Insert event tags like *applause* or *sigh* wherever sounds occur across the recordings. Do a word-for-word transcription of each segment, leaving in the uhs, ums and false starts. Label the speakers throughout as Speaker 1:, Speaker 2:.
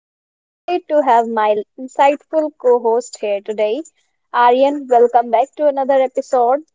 Speaker 1: I'm delighted to have my insightful co host here today. Aryan, welcome back to another episode.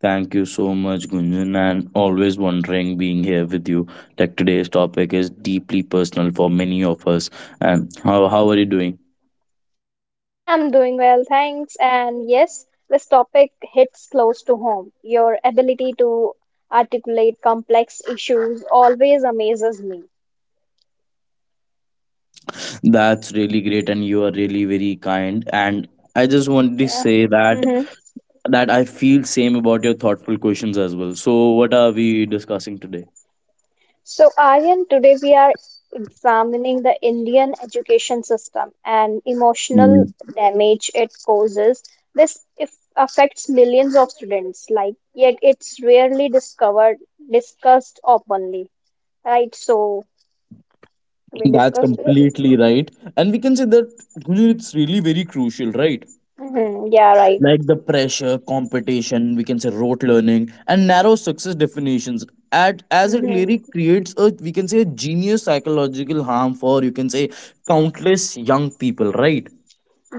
Speaker 2: Thank you so much, Gunjan, and always wondering being here with you. Like today's topic is deeply personal for many of us. And how, how are you doing?
Speaker 1: I'm doing well, thanks. And yes, this topic hits close to home. Your ability to articulate complex issues always amazes me.
Speaker 2: That's really great, and you are really very kind. And I just wanted to
Speaker 1: Yeah.
Speaker 2: say that
Speaker 1: *laughs*
Speaker 2: that I feel same about your thoughtful questions as well. So, what are we discussing today?
Speaker 1: So, Aryan, today we are examining the Indian education system and emotional
Speaker 2: Mm.
Speaker 1: damage it causes. This if affects millions of students, like yet it's rarely discovered, discussed openly, right? So we
Speaker 2: That's
Speaker 1: discuss this.
Speaker 2: completely right. And we can say that Gunjan, it's really very crucial, right?
Speaker 1: hmm Yeah, right.
Speaker 2: Like the pressure, competition, we can say rote learning, and narrow success definitions. At as it really
Speaker 1: hmm
Speaker 2: creates a we can say a genius psychological harm for you can say countless young people, right?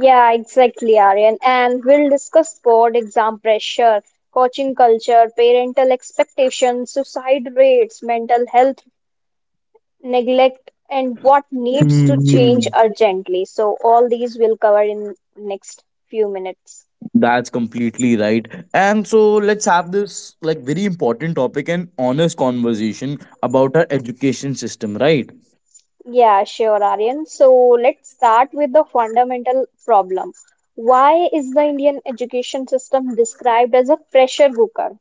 Speaker 1: Yeah, exactly, Aryan. And we'll discuss board exam pressure, coaching culture, parental expectations, suicide rates, mental health neglect, and what needs to change
Speaker 2: hmm
Speaker 1: urgently. So, all these we'll cover in next few minutes.
Speaker 2: That's completely right. And so let's have this like very important topic and honest conversation about our education system, right?
Speaker 1: Yeah, sure, Aryan. So, let's start with the fundamental problem. Why is the Indian education system described as a pressure cooker?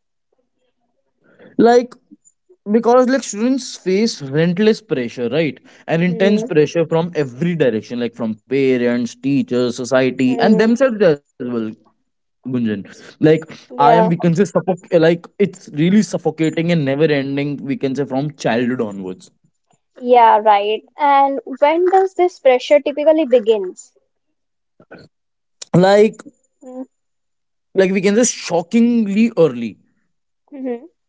Speaker 2: Like because like students face relentless pressure, right, and intense
Speaker 1: Hmm.
Speaker 2: pressure from every direction, like from parents, teachers, society, and
Speaker 1: Hmm.
Speaker 2: themselves as well, Gunjan. Like I am we
Speaker 1: Yeah.
Speaker 2: can say suffoc- like it's really suffocating and never ending, we can say from childhood onwards.
Speaker 1: Yeah, right. And when does this pressure typically begins?
Speaker 2: like
Speaker 1: Hmm.
Speaker 2: like we can say shockingly early.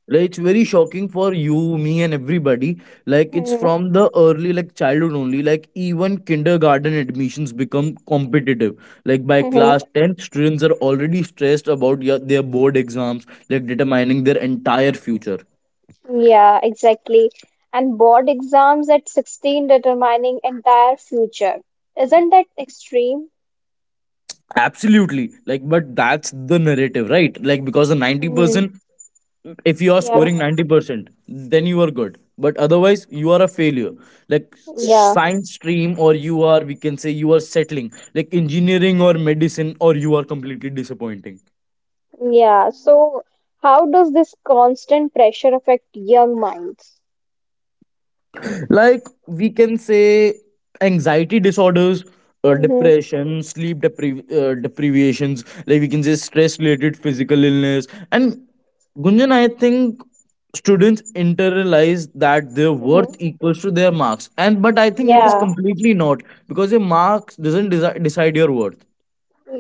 Speaker 2: Like, it's very shocking for you, me, and everybody. Like it's
Speaker 1: Hmm.
Speaker 2: from the early like childhood only. Like even kindergarten admissions become competitive. Like by
Speaker 1: Hmm.
Speaker 2: class ten, students are already stressed about, yeah, their board exams, like determining their entire future.
Speaker 1: Yeah, exactly. And board exams at sixteen determining entire future. Isn't that extreme?
Speaker 2: Absolutely. Like, but that's the narrative, right? Like because the
Speaker 1: Mm,
Speaker 2: ninety percent, if you are
Speaker 1: yeah,
Speaker 2: scoring ninety percent, then you are good, but otherwise you are a failure. Like
Speaker 1: yeah,
Speaker 2: science stream or you are we can say you are settling like engineering or medicine, or you are completely disappointing.
Speaker 1: yeah. So, how does this constant pressure affect young minds?
Speaker 2: Like we can say anxiety disorders, uh,
Speaker 1: Mm-hmm,
Speaker 2: depression, sleep depri- uh, deprivations, like we can say stress related physical illness. And Gunjan, I think students internalize that their worth
Speaker 1: mm-hmm.
Speaker 2: equals to their marks, and but I think it is
Speaker 1: Yeah,
Speaker 2: completely not, because your marks doesn't desi- decide your worth.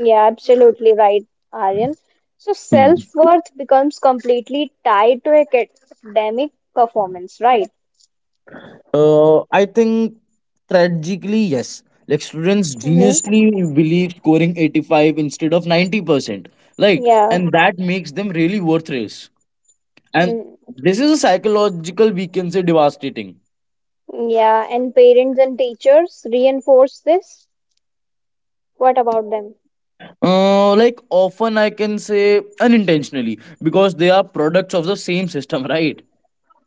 Speaker 1: yeah, absolutely right, Aryan. So, self-worth becomes completely tied to academic performance, right?
Speaker 2: Uh, I think tragically, yes. Like students
Speaker 1: Mm-hmm.
Speaker 2: geniusly believe scoring eighty-five instead of ninety percent, right?
Speaker 1: Yeah.
Speaker 2: And that makes them really worthless. And
Speaker 1: Mm-hmm.
Speaker 2: this is a psychological, we can say, devastating.
Speaker 1: Yeah, and parents and teachers reinforce this. What about them?
Speaker 2: Uh, like often I can say unintentionally, because they are products of the same system, right?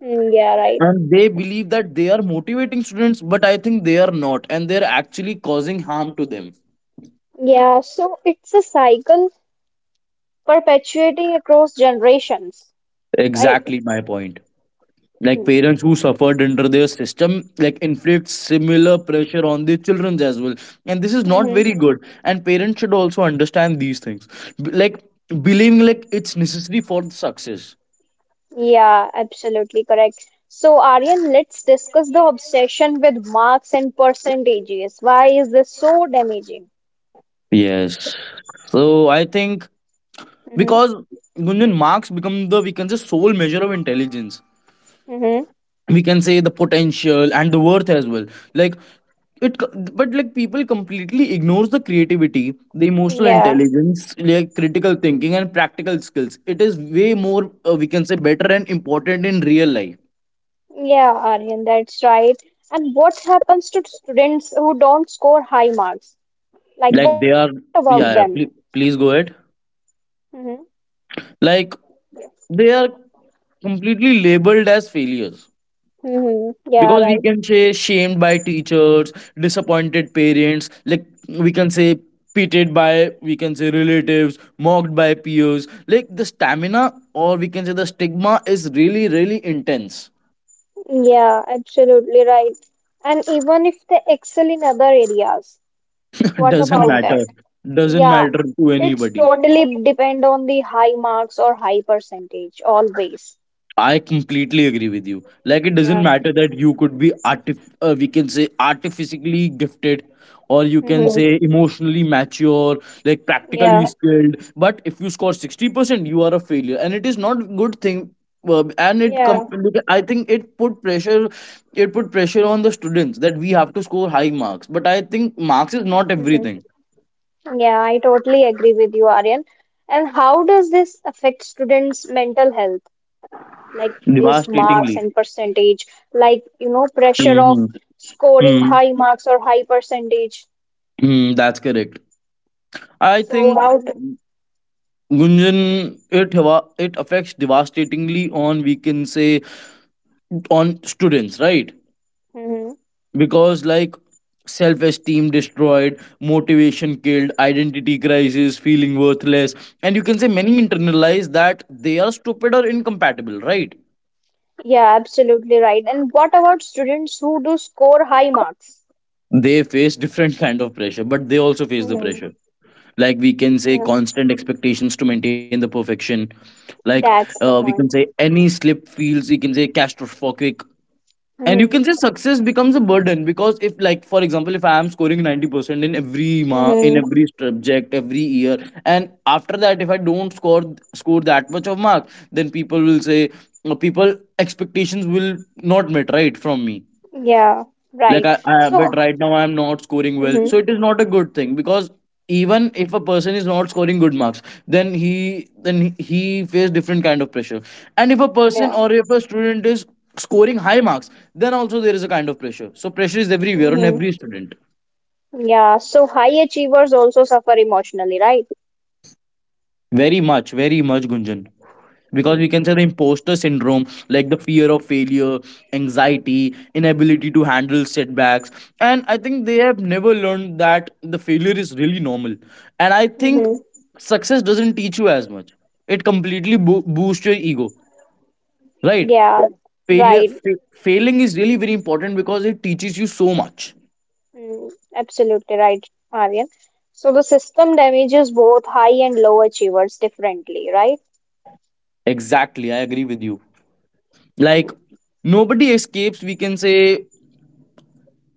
Speaker 1: Mm, yeah, right.
Speaker 2: And they believe that they are motivating students, but I think they are not, and they're actually causing harm to them.
Speaker 1: Yeah, so it's a cycle perpetuating across generations, right?
Speaker 2: Exactly my point. Like
Speaker 1: Hmm.
Speaker 2: parents who suffered under their system like inflict similar pressure on their children as well, and this is not
Speaker 1: Mm-hmm.
Speaker 2: very good, and parents should also understand these things. B- like believing like it's necessary for the success.
Speaker 1: Yeah, absolutely correct. So, Aryan, let's discuss the obsession with marks and percentages. Why is this so damaging?
Speaker 2: Yes, so I think,
Speaker 1: Mm-hmm.
Speaker 2: because Gunjan, marks become the we can say sole measure of intelligence,
Speaker 1: Mm-hmm.
Speaker 2: we can say the potential and the worth as well. like it co- but like people completely ignores the creativity, the emotional
Speaker 1: Yeah,
Speaker 2: intelligence, like critical thinking and practical skills, it is way more uh, we can say better and important in real life.
Speaker 1: yeah, Aryan, that's right. And what happens to students who don't score high marks? Like,
Speaker 2: Like
Speaker 1: what
Speaker 2: they are
Speaker 1: about them?
Speaker 2: Yeah, yeah, please, please go ahead.
Speaker 1: Mm-hmm.
Speaker 2: Like they are completely labeled as failures,
Speaker 1: Mm-hmm. Yeah,
Speaker 2: because we
Speaker 1: right.
Speaker 2: can say shamed by teachers, disappointed parents, like we can say pitted by we can say relatives, mocked by peers. Like the stamina or we can say the stigma is really really intense.
Speaker 1: Yeah, absolutely right. And even if they excel in other areas,
Speaker 2: *laughs*
Speaker 1: what
Speaker 2: Doesn't
Speaker 1: about that?
Speaker 2: matter. Doesn't
Speaker 1: Yeah,
Speaker 2: matter to
Speaker 1: it's
Speaker 2: anybody.
Speaker 1: totally depend on the high marks or high percentage always.
Speaker 2: I completely agree with you. Like it doesn't
Speaker 1: Yeah.
Speaker 2: matter that you could be artif- uh, we can say artificially gifted, or you can
Speaker 1: Mm-hmm.
Speaker 2: say emotionally mature, like
Speaker 1: Yeah.
Speaker 2: practically skilled, but if you score sixty percent, you are a failure and it is not good thing. Uh, and it com-
Speaker 1: Yeah.
Speaker 2: look, I think it put pressure, it put pressure on the students that we have to score high marks, but I think marks is not
Speaker 1: Mm-hmm.
Speaker 2: everything.
Speaker 1: Yeah, I totally agree with you, Aryan. And how does this affect students' mental health? Like these marks
Speaker 2: Devastatingly.
Speaker 1: and percentage, like you know, pressure of
Speaker 2: Hmm.
Speaker 1: scoring
Speaker 2: Hmm,
Speaker 1: high marks or high percentage.
Speaker 2: Hmm, that's correct. I
Speaker 1: So
Speaker 2: think.
Speaker 1: how do,
Speaker 2: Gunjan, it hava- it affects devastatingly on we can say on students, right?
Speaker 1: Mhm.
Speaker 2: Because like self-esteem destroyed, motivation killed, identity crisis, feeling worthless, and you can say many internalize that they are stupid or incompatible, right?
Speaker 1: Yeah, absolutely right. And what about students who do score high marks?
Speaker 2: They face different kind of pressure, but they also face the pressure.
Speaker 1: hmm
Speaker 2: Like we can say
Speaker 1: Yeah,
Speaker 2: constant expectations to maintain the perfection. Like uh,
Speaker 1: that's the
Speaker 2: we can say
Speaker 1: point.
Speaker 2: any slip feels, you can say catastrophic, and you
Speaker 1: hmm
Speaker 2: can say success becomes a burden, because if like for example if I am scoring ninety percent in every ma- in
Speaker 1: hmm
Speaker 2: every subject every year, and after that if I don't score score that much of marks, then people will say uh, people expectations will not met right from me.
Speaker 1: Yeah,
Speaker 2: Like
Speaker 1: right.
Speaker 2: I, I
Speaker 1: So,
Speaker 2: but right now I'm not scoring well, so
Speaker 1: hmm
Speaker 2: it is not a good thing, because even if a person is not scoring good marks, then he then he he face different kind of pressure, and if a person
Speaker 1: yeah,
Speaker 2: or if a student is scoring high marks, then also there is a kind of pressure. So pressure is everywhere on
Speaker 1: hmm
Speaker 2: every student.
Speaker 1: yeah. So high achievers also suffer emotionally, right?
Speaker 2: Very much, very much, Gunjan. Because
Speaker 1: hmm
Speaker 2: we can say the imposter syndrome, like the fear of failure, anxiety, inability to handle setbacks. And I think they have never learned that the failure is really normal. And I
Speaker 1: hmm
Speaker 2: think
Speaker 1: hmm
Speaker 2: success doesn't teach you as much, it completely bo- boosts your ego, right?
Speaker 1: Yeah,
Speaker 2: Failure,
Speaker 1: right.
Speaker 2: fa- failing is really very important because it teaches you so much.
Speaker 1: Mm, absolutely right, Aryan. So the system damages both high and low achievers differently, right?
Speaker 2: Exactly, I agree with you. Like,
Speaker 1: hmm
Speaker 2: nobody escapes, we can say,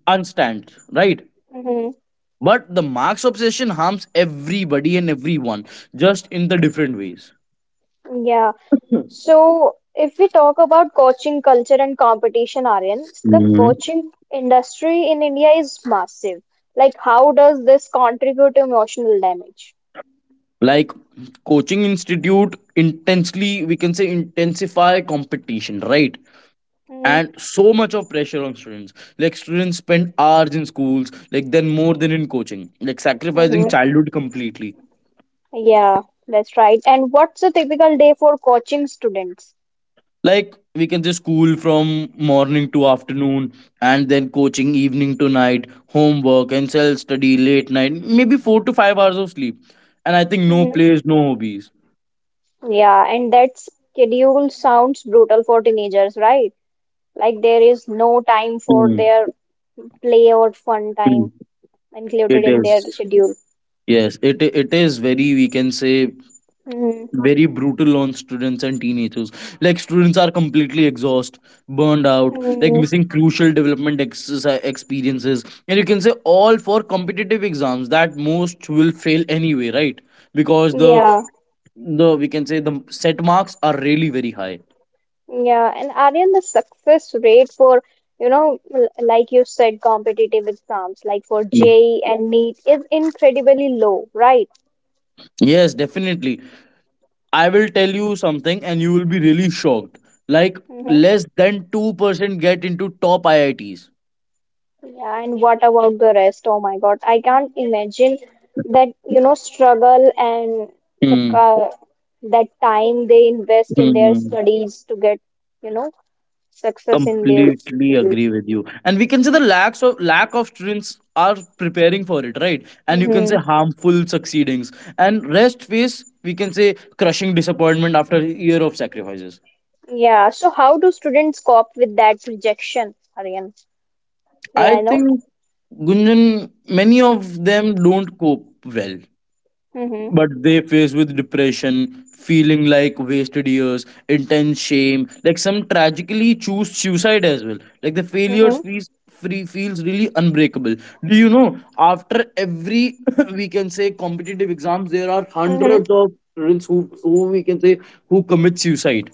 Speaker 2: unstand, right?
Speaker 1: Mm-hmm.
Speaker 2: But the Marx obsession harms everybody and everyone, just in the different ways.
Speaker 1: Yeah. So, if we talk about coaching culture and competition, Aryan, the
Speaker 2: Hmm
Speaker 1: coaching industry in India is massive. Like, how does this contribute to emotional damage?
Speaker 2: Like coaching institute intensely, we can say intensify competition, right?
Speaker 1: Mm-hmm.
Speaker 2: And so much of pressure on students. Like students spend hours in schools, like then more than in coaching, like sacrificing childhood completely.
Speaker 1: Yeah, that's right. And what's a typical day for coaching students?
Speaker 2: Like we can say school from morning to afternoon, and then coaching evening to night, homework and self study late night, maybe four to five hours of sleep, and I think no
Speaker 1: hmm
Speaker 2: plays, no hobbies.
Speaker 1: Yeah, and that schedule sounds brutal for teenagers, right? Like, there is no time for
Speaker 2: Mm,
Speaker 1: their play or fun time
Speaker 2: mm. it
Speaker 1: included in their
Speaker 2: is
Speaker 1: schedule.
Speaker 2: Yes, it it is very we can say
Speaker 1: hmm
Speaker 2: very brutal on students and teenagers. Like students are completely exhausted, burned out, like
Speaker 1: hmm
Speaker 2: missing crucial development exercise experiences, and you can say all for competitive exams that most will fail anyway, right? Because the
Speaker 1: Yeah.
Speaker 2: the we can say the set marks are really very high.
Speaker 1: Yeah, and Aryan, the success rate for, you know, l- like you said, competitive exams, like for
Speaker 2: Mm.
Speaker 1: JEE and NEET, is incredibly low, right?
Speaker 2: Yes, definitely. I will tell you something and you will be really shocked. Like
Speaker 1: Mm-hmm.
Speaker 2: less than two percent get into top I I Ts.
Speaker 1: Yeah, and what about the rest? Oh my God, I can't imagine that, you know, struggle and the
Speaker 2: Hmm.
Speaker 1: uh, that time they invest in their studies to get, you know, success in their
Speaker 2: Completely
Speaker 1: field.
Speaker 2: agree with you, and we can say the lacks of lack of students are preparing for it, right, and you can say
Speaker 1: Mm-hmm.
Speaker 2: harmful succeedings, and rest face we can say crushing disappointment after a year of sacrifices.
Speaker 1: Yeah, so how do students cope with that rejection, Aryan? May
Speaker 2: I
Speaker 1: I know?
Speaker 2: think Gunjan, many of them don't cope well,
Speaker 1: Mm-hmm.
Speaker 2: but they face with depression, feeling like wasted years, intense shame, like some tragically choose suicide as well. Like the failures feels free feels really unbreakable. Do you know after every *laughs* we can say competitive exams there are
Speaker 1: Mm-hmm.
Speaker 2: hundreds of students who, who we can say who commit suicide.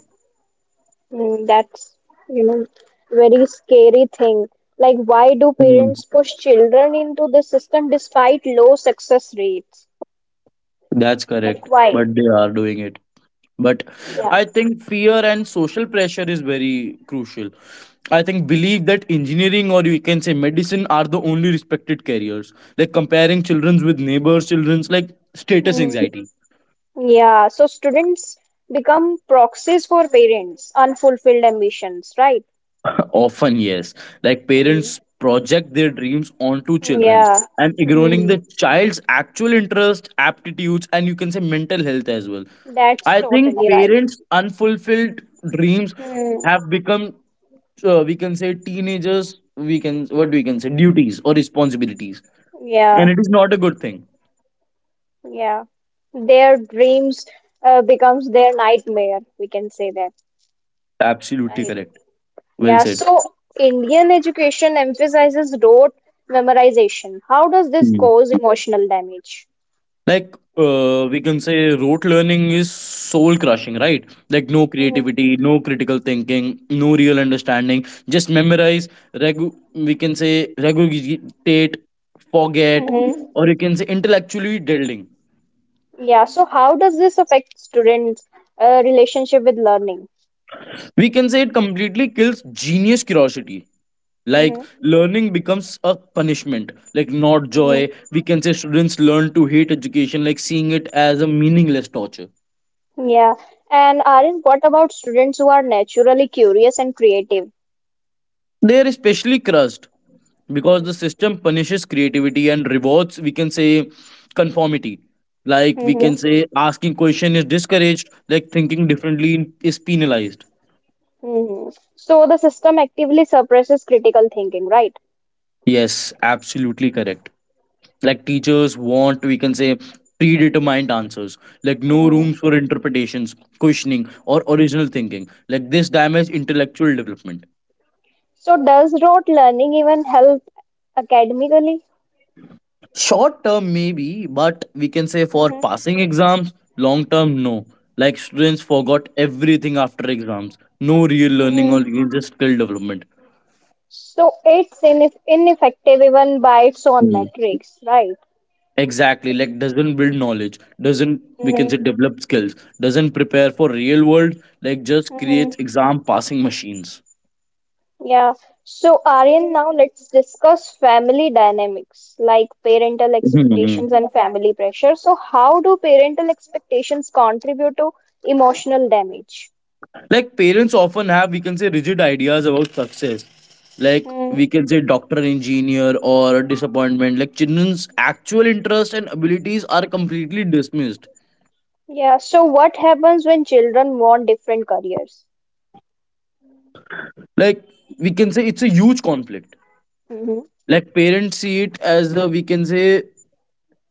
Speaker 1: Mm, that's, you know, very scary thing. Like, why do
Speaker 2: Hmm,
Speaker 1: parents push children into the system despite low success rates?
Speaker 2: that's
Speaker 1: Like,
Speaker 2: correct,
Speaker 1: why?
Speaker 2: but they are doing it. But
Speaker 1: Yeah.
Speaker 2: I think fear and social pressure is very crucial. I think believe that engineering or you can say medicine are the only respected careers, like comparing children's with neighbors children's, like status
Speaker 1: hmm
Speaker 2: anxiety.
Speaker 1: Yeah. So students become proxies for parents' unfulfilled ambitions, right?
Speaker 2: *laughs* Often, yes. Like
Speaker 1: Mm.
Speaker 2: parents project their dreams onto children,
Speaker 1: Yeah.
Speaker 2: and ignoring
Speaker 1: hmm
Speaker 2: the child's actual interest, aptitudes, and you can say mental health as well.
Speaker 1: That's
Speaker 2: I think
Speaker 1: totally right.
Speaker 2: parents' unfulfilled dreams
Speaker 1: Mm.
Speaker 2: have become, uh, we can say, teenagers. We can what we can say duties or responsibilities, and
Speaker 1: Yeah.
Speaker 2: it is not a good thing.
Speaker 1: Yeah. Their dreams uh, becomes their nightmare. We can say that,
Speaker 2: Absolutely correct.
Speaker 1: right?
Speaker 2: Well
Speaker 1: Yeah,
Speaker 2: said.
Speaker 1: so Indian education emphasizes rote memorization. How does this cause emotional damage?
Speaker 2: Like, uh, we can say rote learning is soul crushing, right? Like, no
Speaker 1: Mm-hmm.
Speaker 2: creativity, no critical thinking, no real understanding. Just memorize, regu- we can say regurgitate, forget,
Speaker 1: Mm-hmm.
Speaker 2: or you can say intellectually delving.
Speaker 1: Yeah, so how does this affect students' uh, relationship with learning?
Speaker 2: We can say it completely kills genius curiosity. Like,
Speaker 1: Mm-hmm.
Speaker 2: learning becomes a punishment, like, not
Speaker 1: mm
Speaker 2: joy. We can say students learn to hate education, like, seeing it as a meaningless torture.
Speaker 1: Yeah, and Arif, what about students who are naturally curious and creative?
Speaker 2: They're especially crushed because the system punishes creativity and rewards, we can say, conformity. Like we can
Speaker 1: Mm-hmm.
Speaker 2: say, asking question is discouraged. Like thinking differently is penalized.
Speaker 1: Mm-hmm. So the system actively suppresses critical thinking, right?
Speaker 2: Yes, absolutely correct. Like teachers want, we can say, predetermined answers. Like no
Speaker 1: Mm-hmm.
Speaker 2: rooms for interpretations, questioning, or original thinking. Like this damages intellectual development.
Speaker 1: So does rote learning even help academically?
Speaker 2: Short term, maybe, but we can say for
Speaker 1: Mm-hmm.
Speaker 2: passing exams, long term, no. Like students forgot everything after exams. No real learning or even just skill development.
Speaker 1: So it's ineff ineffective even by its own
Speaker 2: Mhm.
Speaker 1: metrics, right?
Speaker 2: Exactly, like doesn't build knowledge, doesn't we can
Speaker 1: hmm
Speaker 2: say develop skills, doesn't prepare for real world, like just
Speaker 1: hmm
Speaker 2: creates exam passing machines.
Speaker 1: Yeah. So, Aryan, now let's discuss family dynamics like parental expectations
Speaker 2: *laughs*
Speaker 1: and family pressure. So, how do parental expectations contribute to emotional damage?
Speaker 2: Like parents often have, we can say, rigid ideas about success. Like we
Speaker 1: hmm
Speaker 2: can say, doctor, engineer, or disappointment. Like children's actual interest and abilities are completely dismissed.
Speaker 1: Yeah. So, what happens when children want different careers?
Speaker 2: Like we can say, it's a huge conflict.
Speaker 1: hmm
Speaker 2: Like parents see it as a, we can say,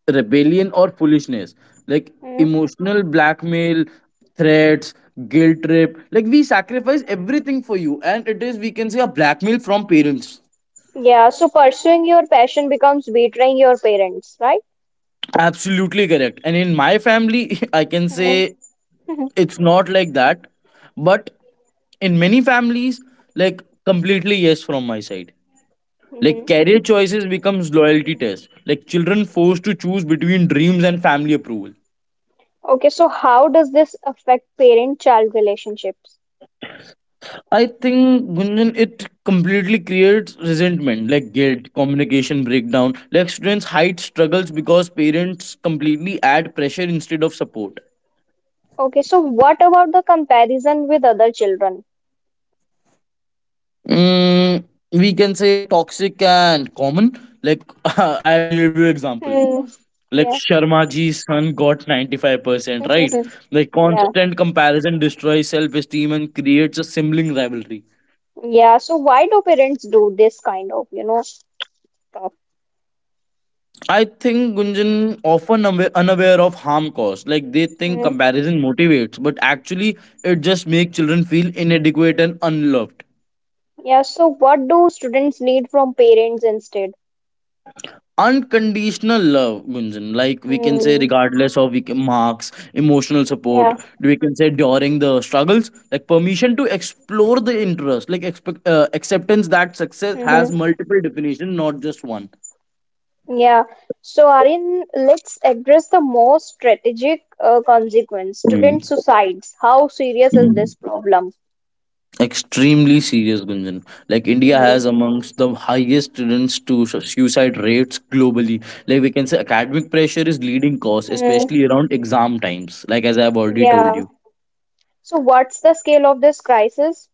Speaker 2: rebellion or foolishness. Like
Speaker 1: Hmm.
Speaker 2: emotional blackmail, threats, guilt trip. Like we sacrifice everything for you, and it is, we can say, a blackmail from parents.
Speaker 1: Yeah. So, pursuing your passion becomes betraying your parents, right?
Speaker 2: Absolutely correct. And in my family, *laughs* I can say it's not like that. But in many families, like completely yes from my side. Like
Speaker 1: hmm
Speaker 2: career choices becomes loyalty test. Like children forced to choose between dreams and family approval.
Speaker 1: Okay, so how does this affect parent-child relationships?
Speaker 2: I think Gunjan, it completely creates resentment, like guilt, communication breakdown. Like students hide struggles because parents completely add pressure instead of support.
Speaker 1: Okay, so what about the comparison with other children?
Speaker 2: Mm, we can say toxic and common. Like *laughs* I will give you example.
Speaker 1: Hmm.
Speaker 2: Like
Speaker 1: Yeah.
Speaker 2: Sharma ji's son got ninety-five percent, right?
Speaker 1: *laughs*
Speaker 2: Like
Speaker 1: Yeah.
Speaker 2: constant comparison destroys self-esteem and creates a sibling rivalry.
Speaker 1: Yeah. So why do parents do this kind of, you know, stuff?
Speaker 2: I think Gunjan often awa- unaware of harm caused. Like they think
Speaker 1: Hmm.
Speaker 2: comparison motivates, but actually it just makes children feel inadequate and unloved.
Speaker 1: Yeah. So what do students need from parents instead?
Speaker 2: Unconditional love, Gunjan. Like we can say,
Speaker 1: Hmm.
Speaker 2: regardless of we can, marks, emotional support.
Speaker 1: Yeah.
Speaker 2: We can say during the struggles, like permission to explore the interest, like expect, uh, acceptance that success
Speaker 1: hmm
Speaker 2: has multiple definitions, not just one.
Speaker 1: Yeah. So Aryan, let's address the most strategic uh, consequence.
Speaker 2: Mm,
Speaker 1: Student suicides. How serious is
Speaker 2: mm.
Speaker 1: this problem?
Speaker 2: Extremely serious, Gunjan. Like India
Speaker 1: hmm
Speaker 2: has amongst the highest students to su- suicide rates globally. Like we can say, academic pressure is leading cause,
Speaker 1: Mm,
Speaker 2: especially around exam times. Like as I have already told
Speaker 1: yeah.
Speaker 2: you.
Speaker 1: So, what's the scale of this crisis?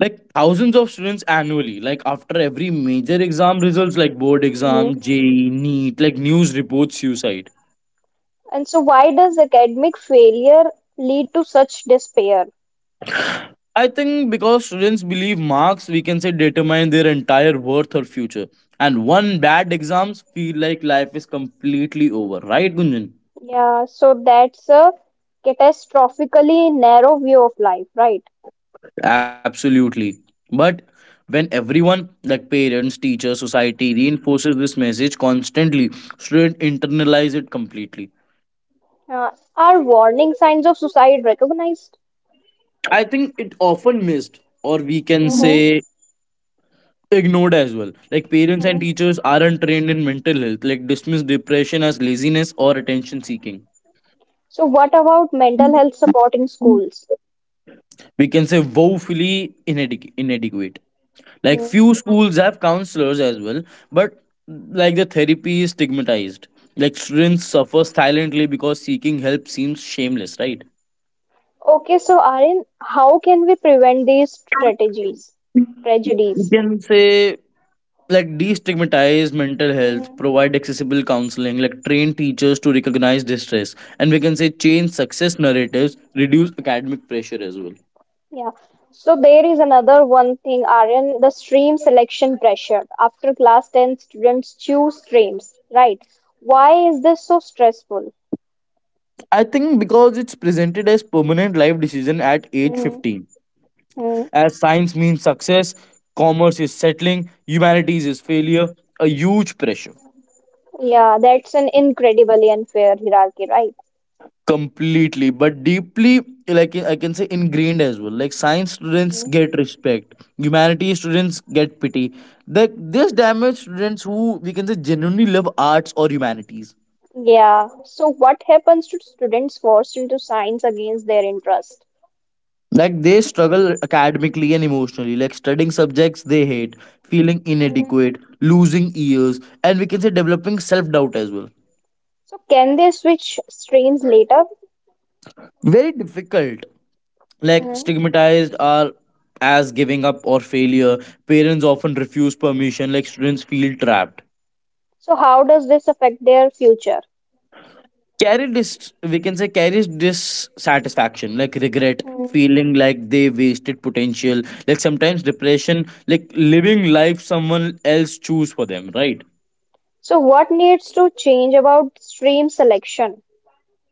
Speaker 2: Like thousands of students annually, like after every major exam results, like board
Speaker 1: hmm
Speaker 2: exam J E E, neat, like news reports suicide.
Speaker 1: And so, why does academic failure lead to such despair?
Speaker 2: I think because students believe marks, we can say, determine their entire worth or future, and one bad exams feel like life is completely over, right Gunjan?
Speaker 1: Yeah, so that's a catastrophically narrow view of life, right?
Speaker 2: Absolutely, but when everyone, like parents, teachers, society, reinforces this message constantly, student internalize it completely.
Speaker 1: Uh, are warning signs of suicide recognized? Like,
Speaker 2: I think it often missed, or we can
Speaker 1: hmm
Speaker 2: say ignored as well. Like parents and teachers aren't trained in mental health, like dismiss depression as laziness or attention seeking.
Speaker 1: so what about mental health support in schools?
Speaker 2: We can say woefully inadequ- inadequate. Like
Speaker 1: hmm
Speaker 2: few schools have counselors as well, but like the therapy is stigmatized. Like students suffer silently because seeking help seems shameless, right?
Speaker 1: Okay, so Aryan, how can we prevent these strategies,
Speaker 2: We
Speaker 1: tragedies?
Speaker 2: can say, like destigmatize mental health, provide accessible counseling, like train teachers to recognize distress, and we can say change success narratives, reduce academic pressure as well.
Speaker 1: Yeah. So there is another one thing, Aryan, the stream selection pressure. After class ten, students choose streams, right? Why is this so stressful?
Speaker 2: I think because it's presented as permanent life decision at age
Speaker 1: hmm
Speaker 2: fifteen,
Speaker 1: hmm
Speaker 2: as science means success, commerce is settling, humanities is failure, a huge pressure.
Speaker 1: Yeah, that's an incredibly unfair hierarchy, right?
Speaker 2: Completely, but deeply, like I can say ingrained as well. Like science students
Speaker 1: hmm
Speaker 2: get respect, humanities students get pity. Like this damage students who we can say genuinely love arts or humanities.
Speaker 1: Yeah. So what happens to students forced into science against their interest?
Speaker 2: Like they struggle academically and emotionally, like studying subjects they hate, feeling
Speaker 1: hmm
Speaker 2: inadequate, losing ears, and we can say developing self-doubt as well.
Speaker 1: So can they switch streams later?
Speaker 2: Very difficult, like
Speaker 1: hmm
Speaker 2: stigmatized are as giving up or failure. Parents often refuse permission, like students feel trapped.
Speaker 1: So how does this affect their future?
Speaker 2: Carry dis, we can say carries dissatisfaction, like regret,
Speaker 1: Mm-hmm.
Speaker 2: feeling like they wasted potential, like sometimes depression, like living life someone else choose for them, right?
Speaker 1: So what needs to change about stream selection?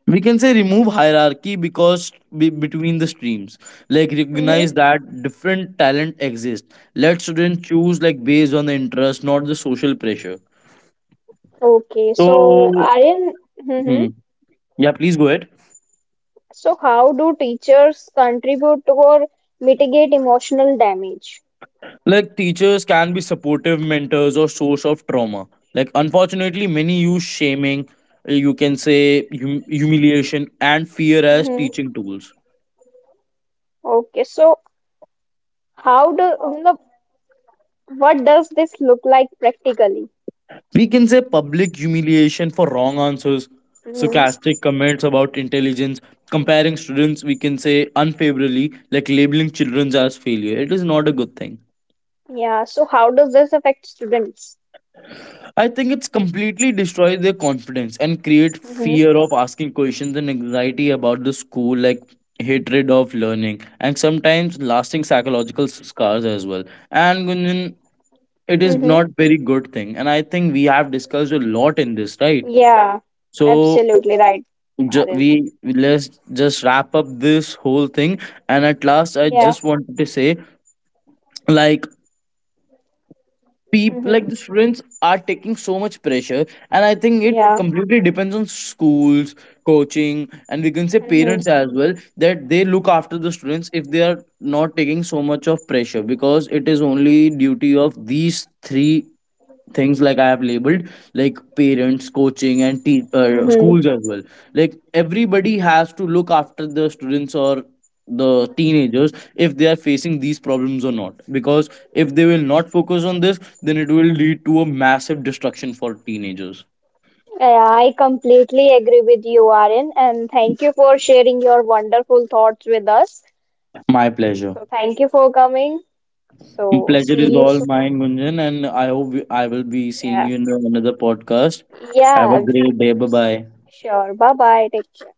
Speaker 2: We can say remove hierarchy because be- between the streams, like recognize
Speaker 1: Mhm.
Speaker 2: that different talent exists, let students choose like based on the interest, not the social pressure.
Speaker 1: Okay, so
Speaker 2: So
Speaker 1: Aryan, hmm
Speaker 2: hmm, yeah please go ahead.
Speaker 1: so how do teachers contribute to or mitigate emotional damage?
Speaker 2: Like teachers can be supportive mentors or source of trauma. Like unfortunately, many use shaming, uh, you can say hum- humiliation and fear as
Speaker 1: Mhm.
Speaker 2: teaching tools.
Speaker 1: Okay, so how do मतलब, what does this look like practically?
Speaker 2: We can say public humiliation for wrong answers,
Speaker 1: Mhm.
Speaker 2: sarcastic comments about intelligence, comparing students. We can say unfavorably, like labeling children as failure. It is not a good thing.
Speaker 1: Yeah, so how does this affect students?
Speaker 2: I think it's completely destroys their confidence and create
Speaker 1: hmm
Speaker 2: fear of asking questions and anxiety about the school, like hatred of learning, and sometimes lasting psychological scars as well. And Gunjan, it is not
Speaker 1: Mm-hmm.
Speaker 2: very good thing. And I think we have discussed a lot in this, right?
Speaker 1: Yeah,
Speaker 2: So
Speaker 1: absolutely right,
Speaker 2: ju- we
Speaker 1: Aryan.
Speaker 2: let's just wrap up this whole thing. And at last, I
Speaker 1: Yeah.
Speaker 2: just wanted to say, like people like
Speaker 1: Mm-hmm.
Speaker 2: the students are taking so much pressure, and I think it
Speaker 1: Yeah.
Speaker 2: completely depends on schools, coaching, and we can say
Speaker 1: Mm-hmm.
Speaker 2: parents as well, that they look after the students if they are not taking so much of pressure, because it is only duty of these three things like I have labeled, like parents, coaching, and te- uh,
Speaker 1: Mm-hmm.
Speaker 2: schools as well. Like everybody has to look after the students or the teenagers if they are facing these problems or not, because if they will not focus on this, then it will lead to a massive destruction for teenagers.
Speaker 1: Yeah, I completely agree with you, Aryan, and thank you for sharing your wonderful thoughts with us.
Speaker 2: My pleasure.
Speaker 1: So thank you for coming. So
Speaker 2: Pleasure is
Speaker 1: see you
Speaker 2: all
Speaker 1: soon.
Speaker 2: mine, Gunjan, and I hope we- I will be seeing
Speaker 1: Yeah.
Speaker 2: you in another podcast. Have a
Speaker 1: Yeah,
Speaker 2: great day. Bye bye.
Speaker 1: sure. Bye bye. Take care.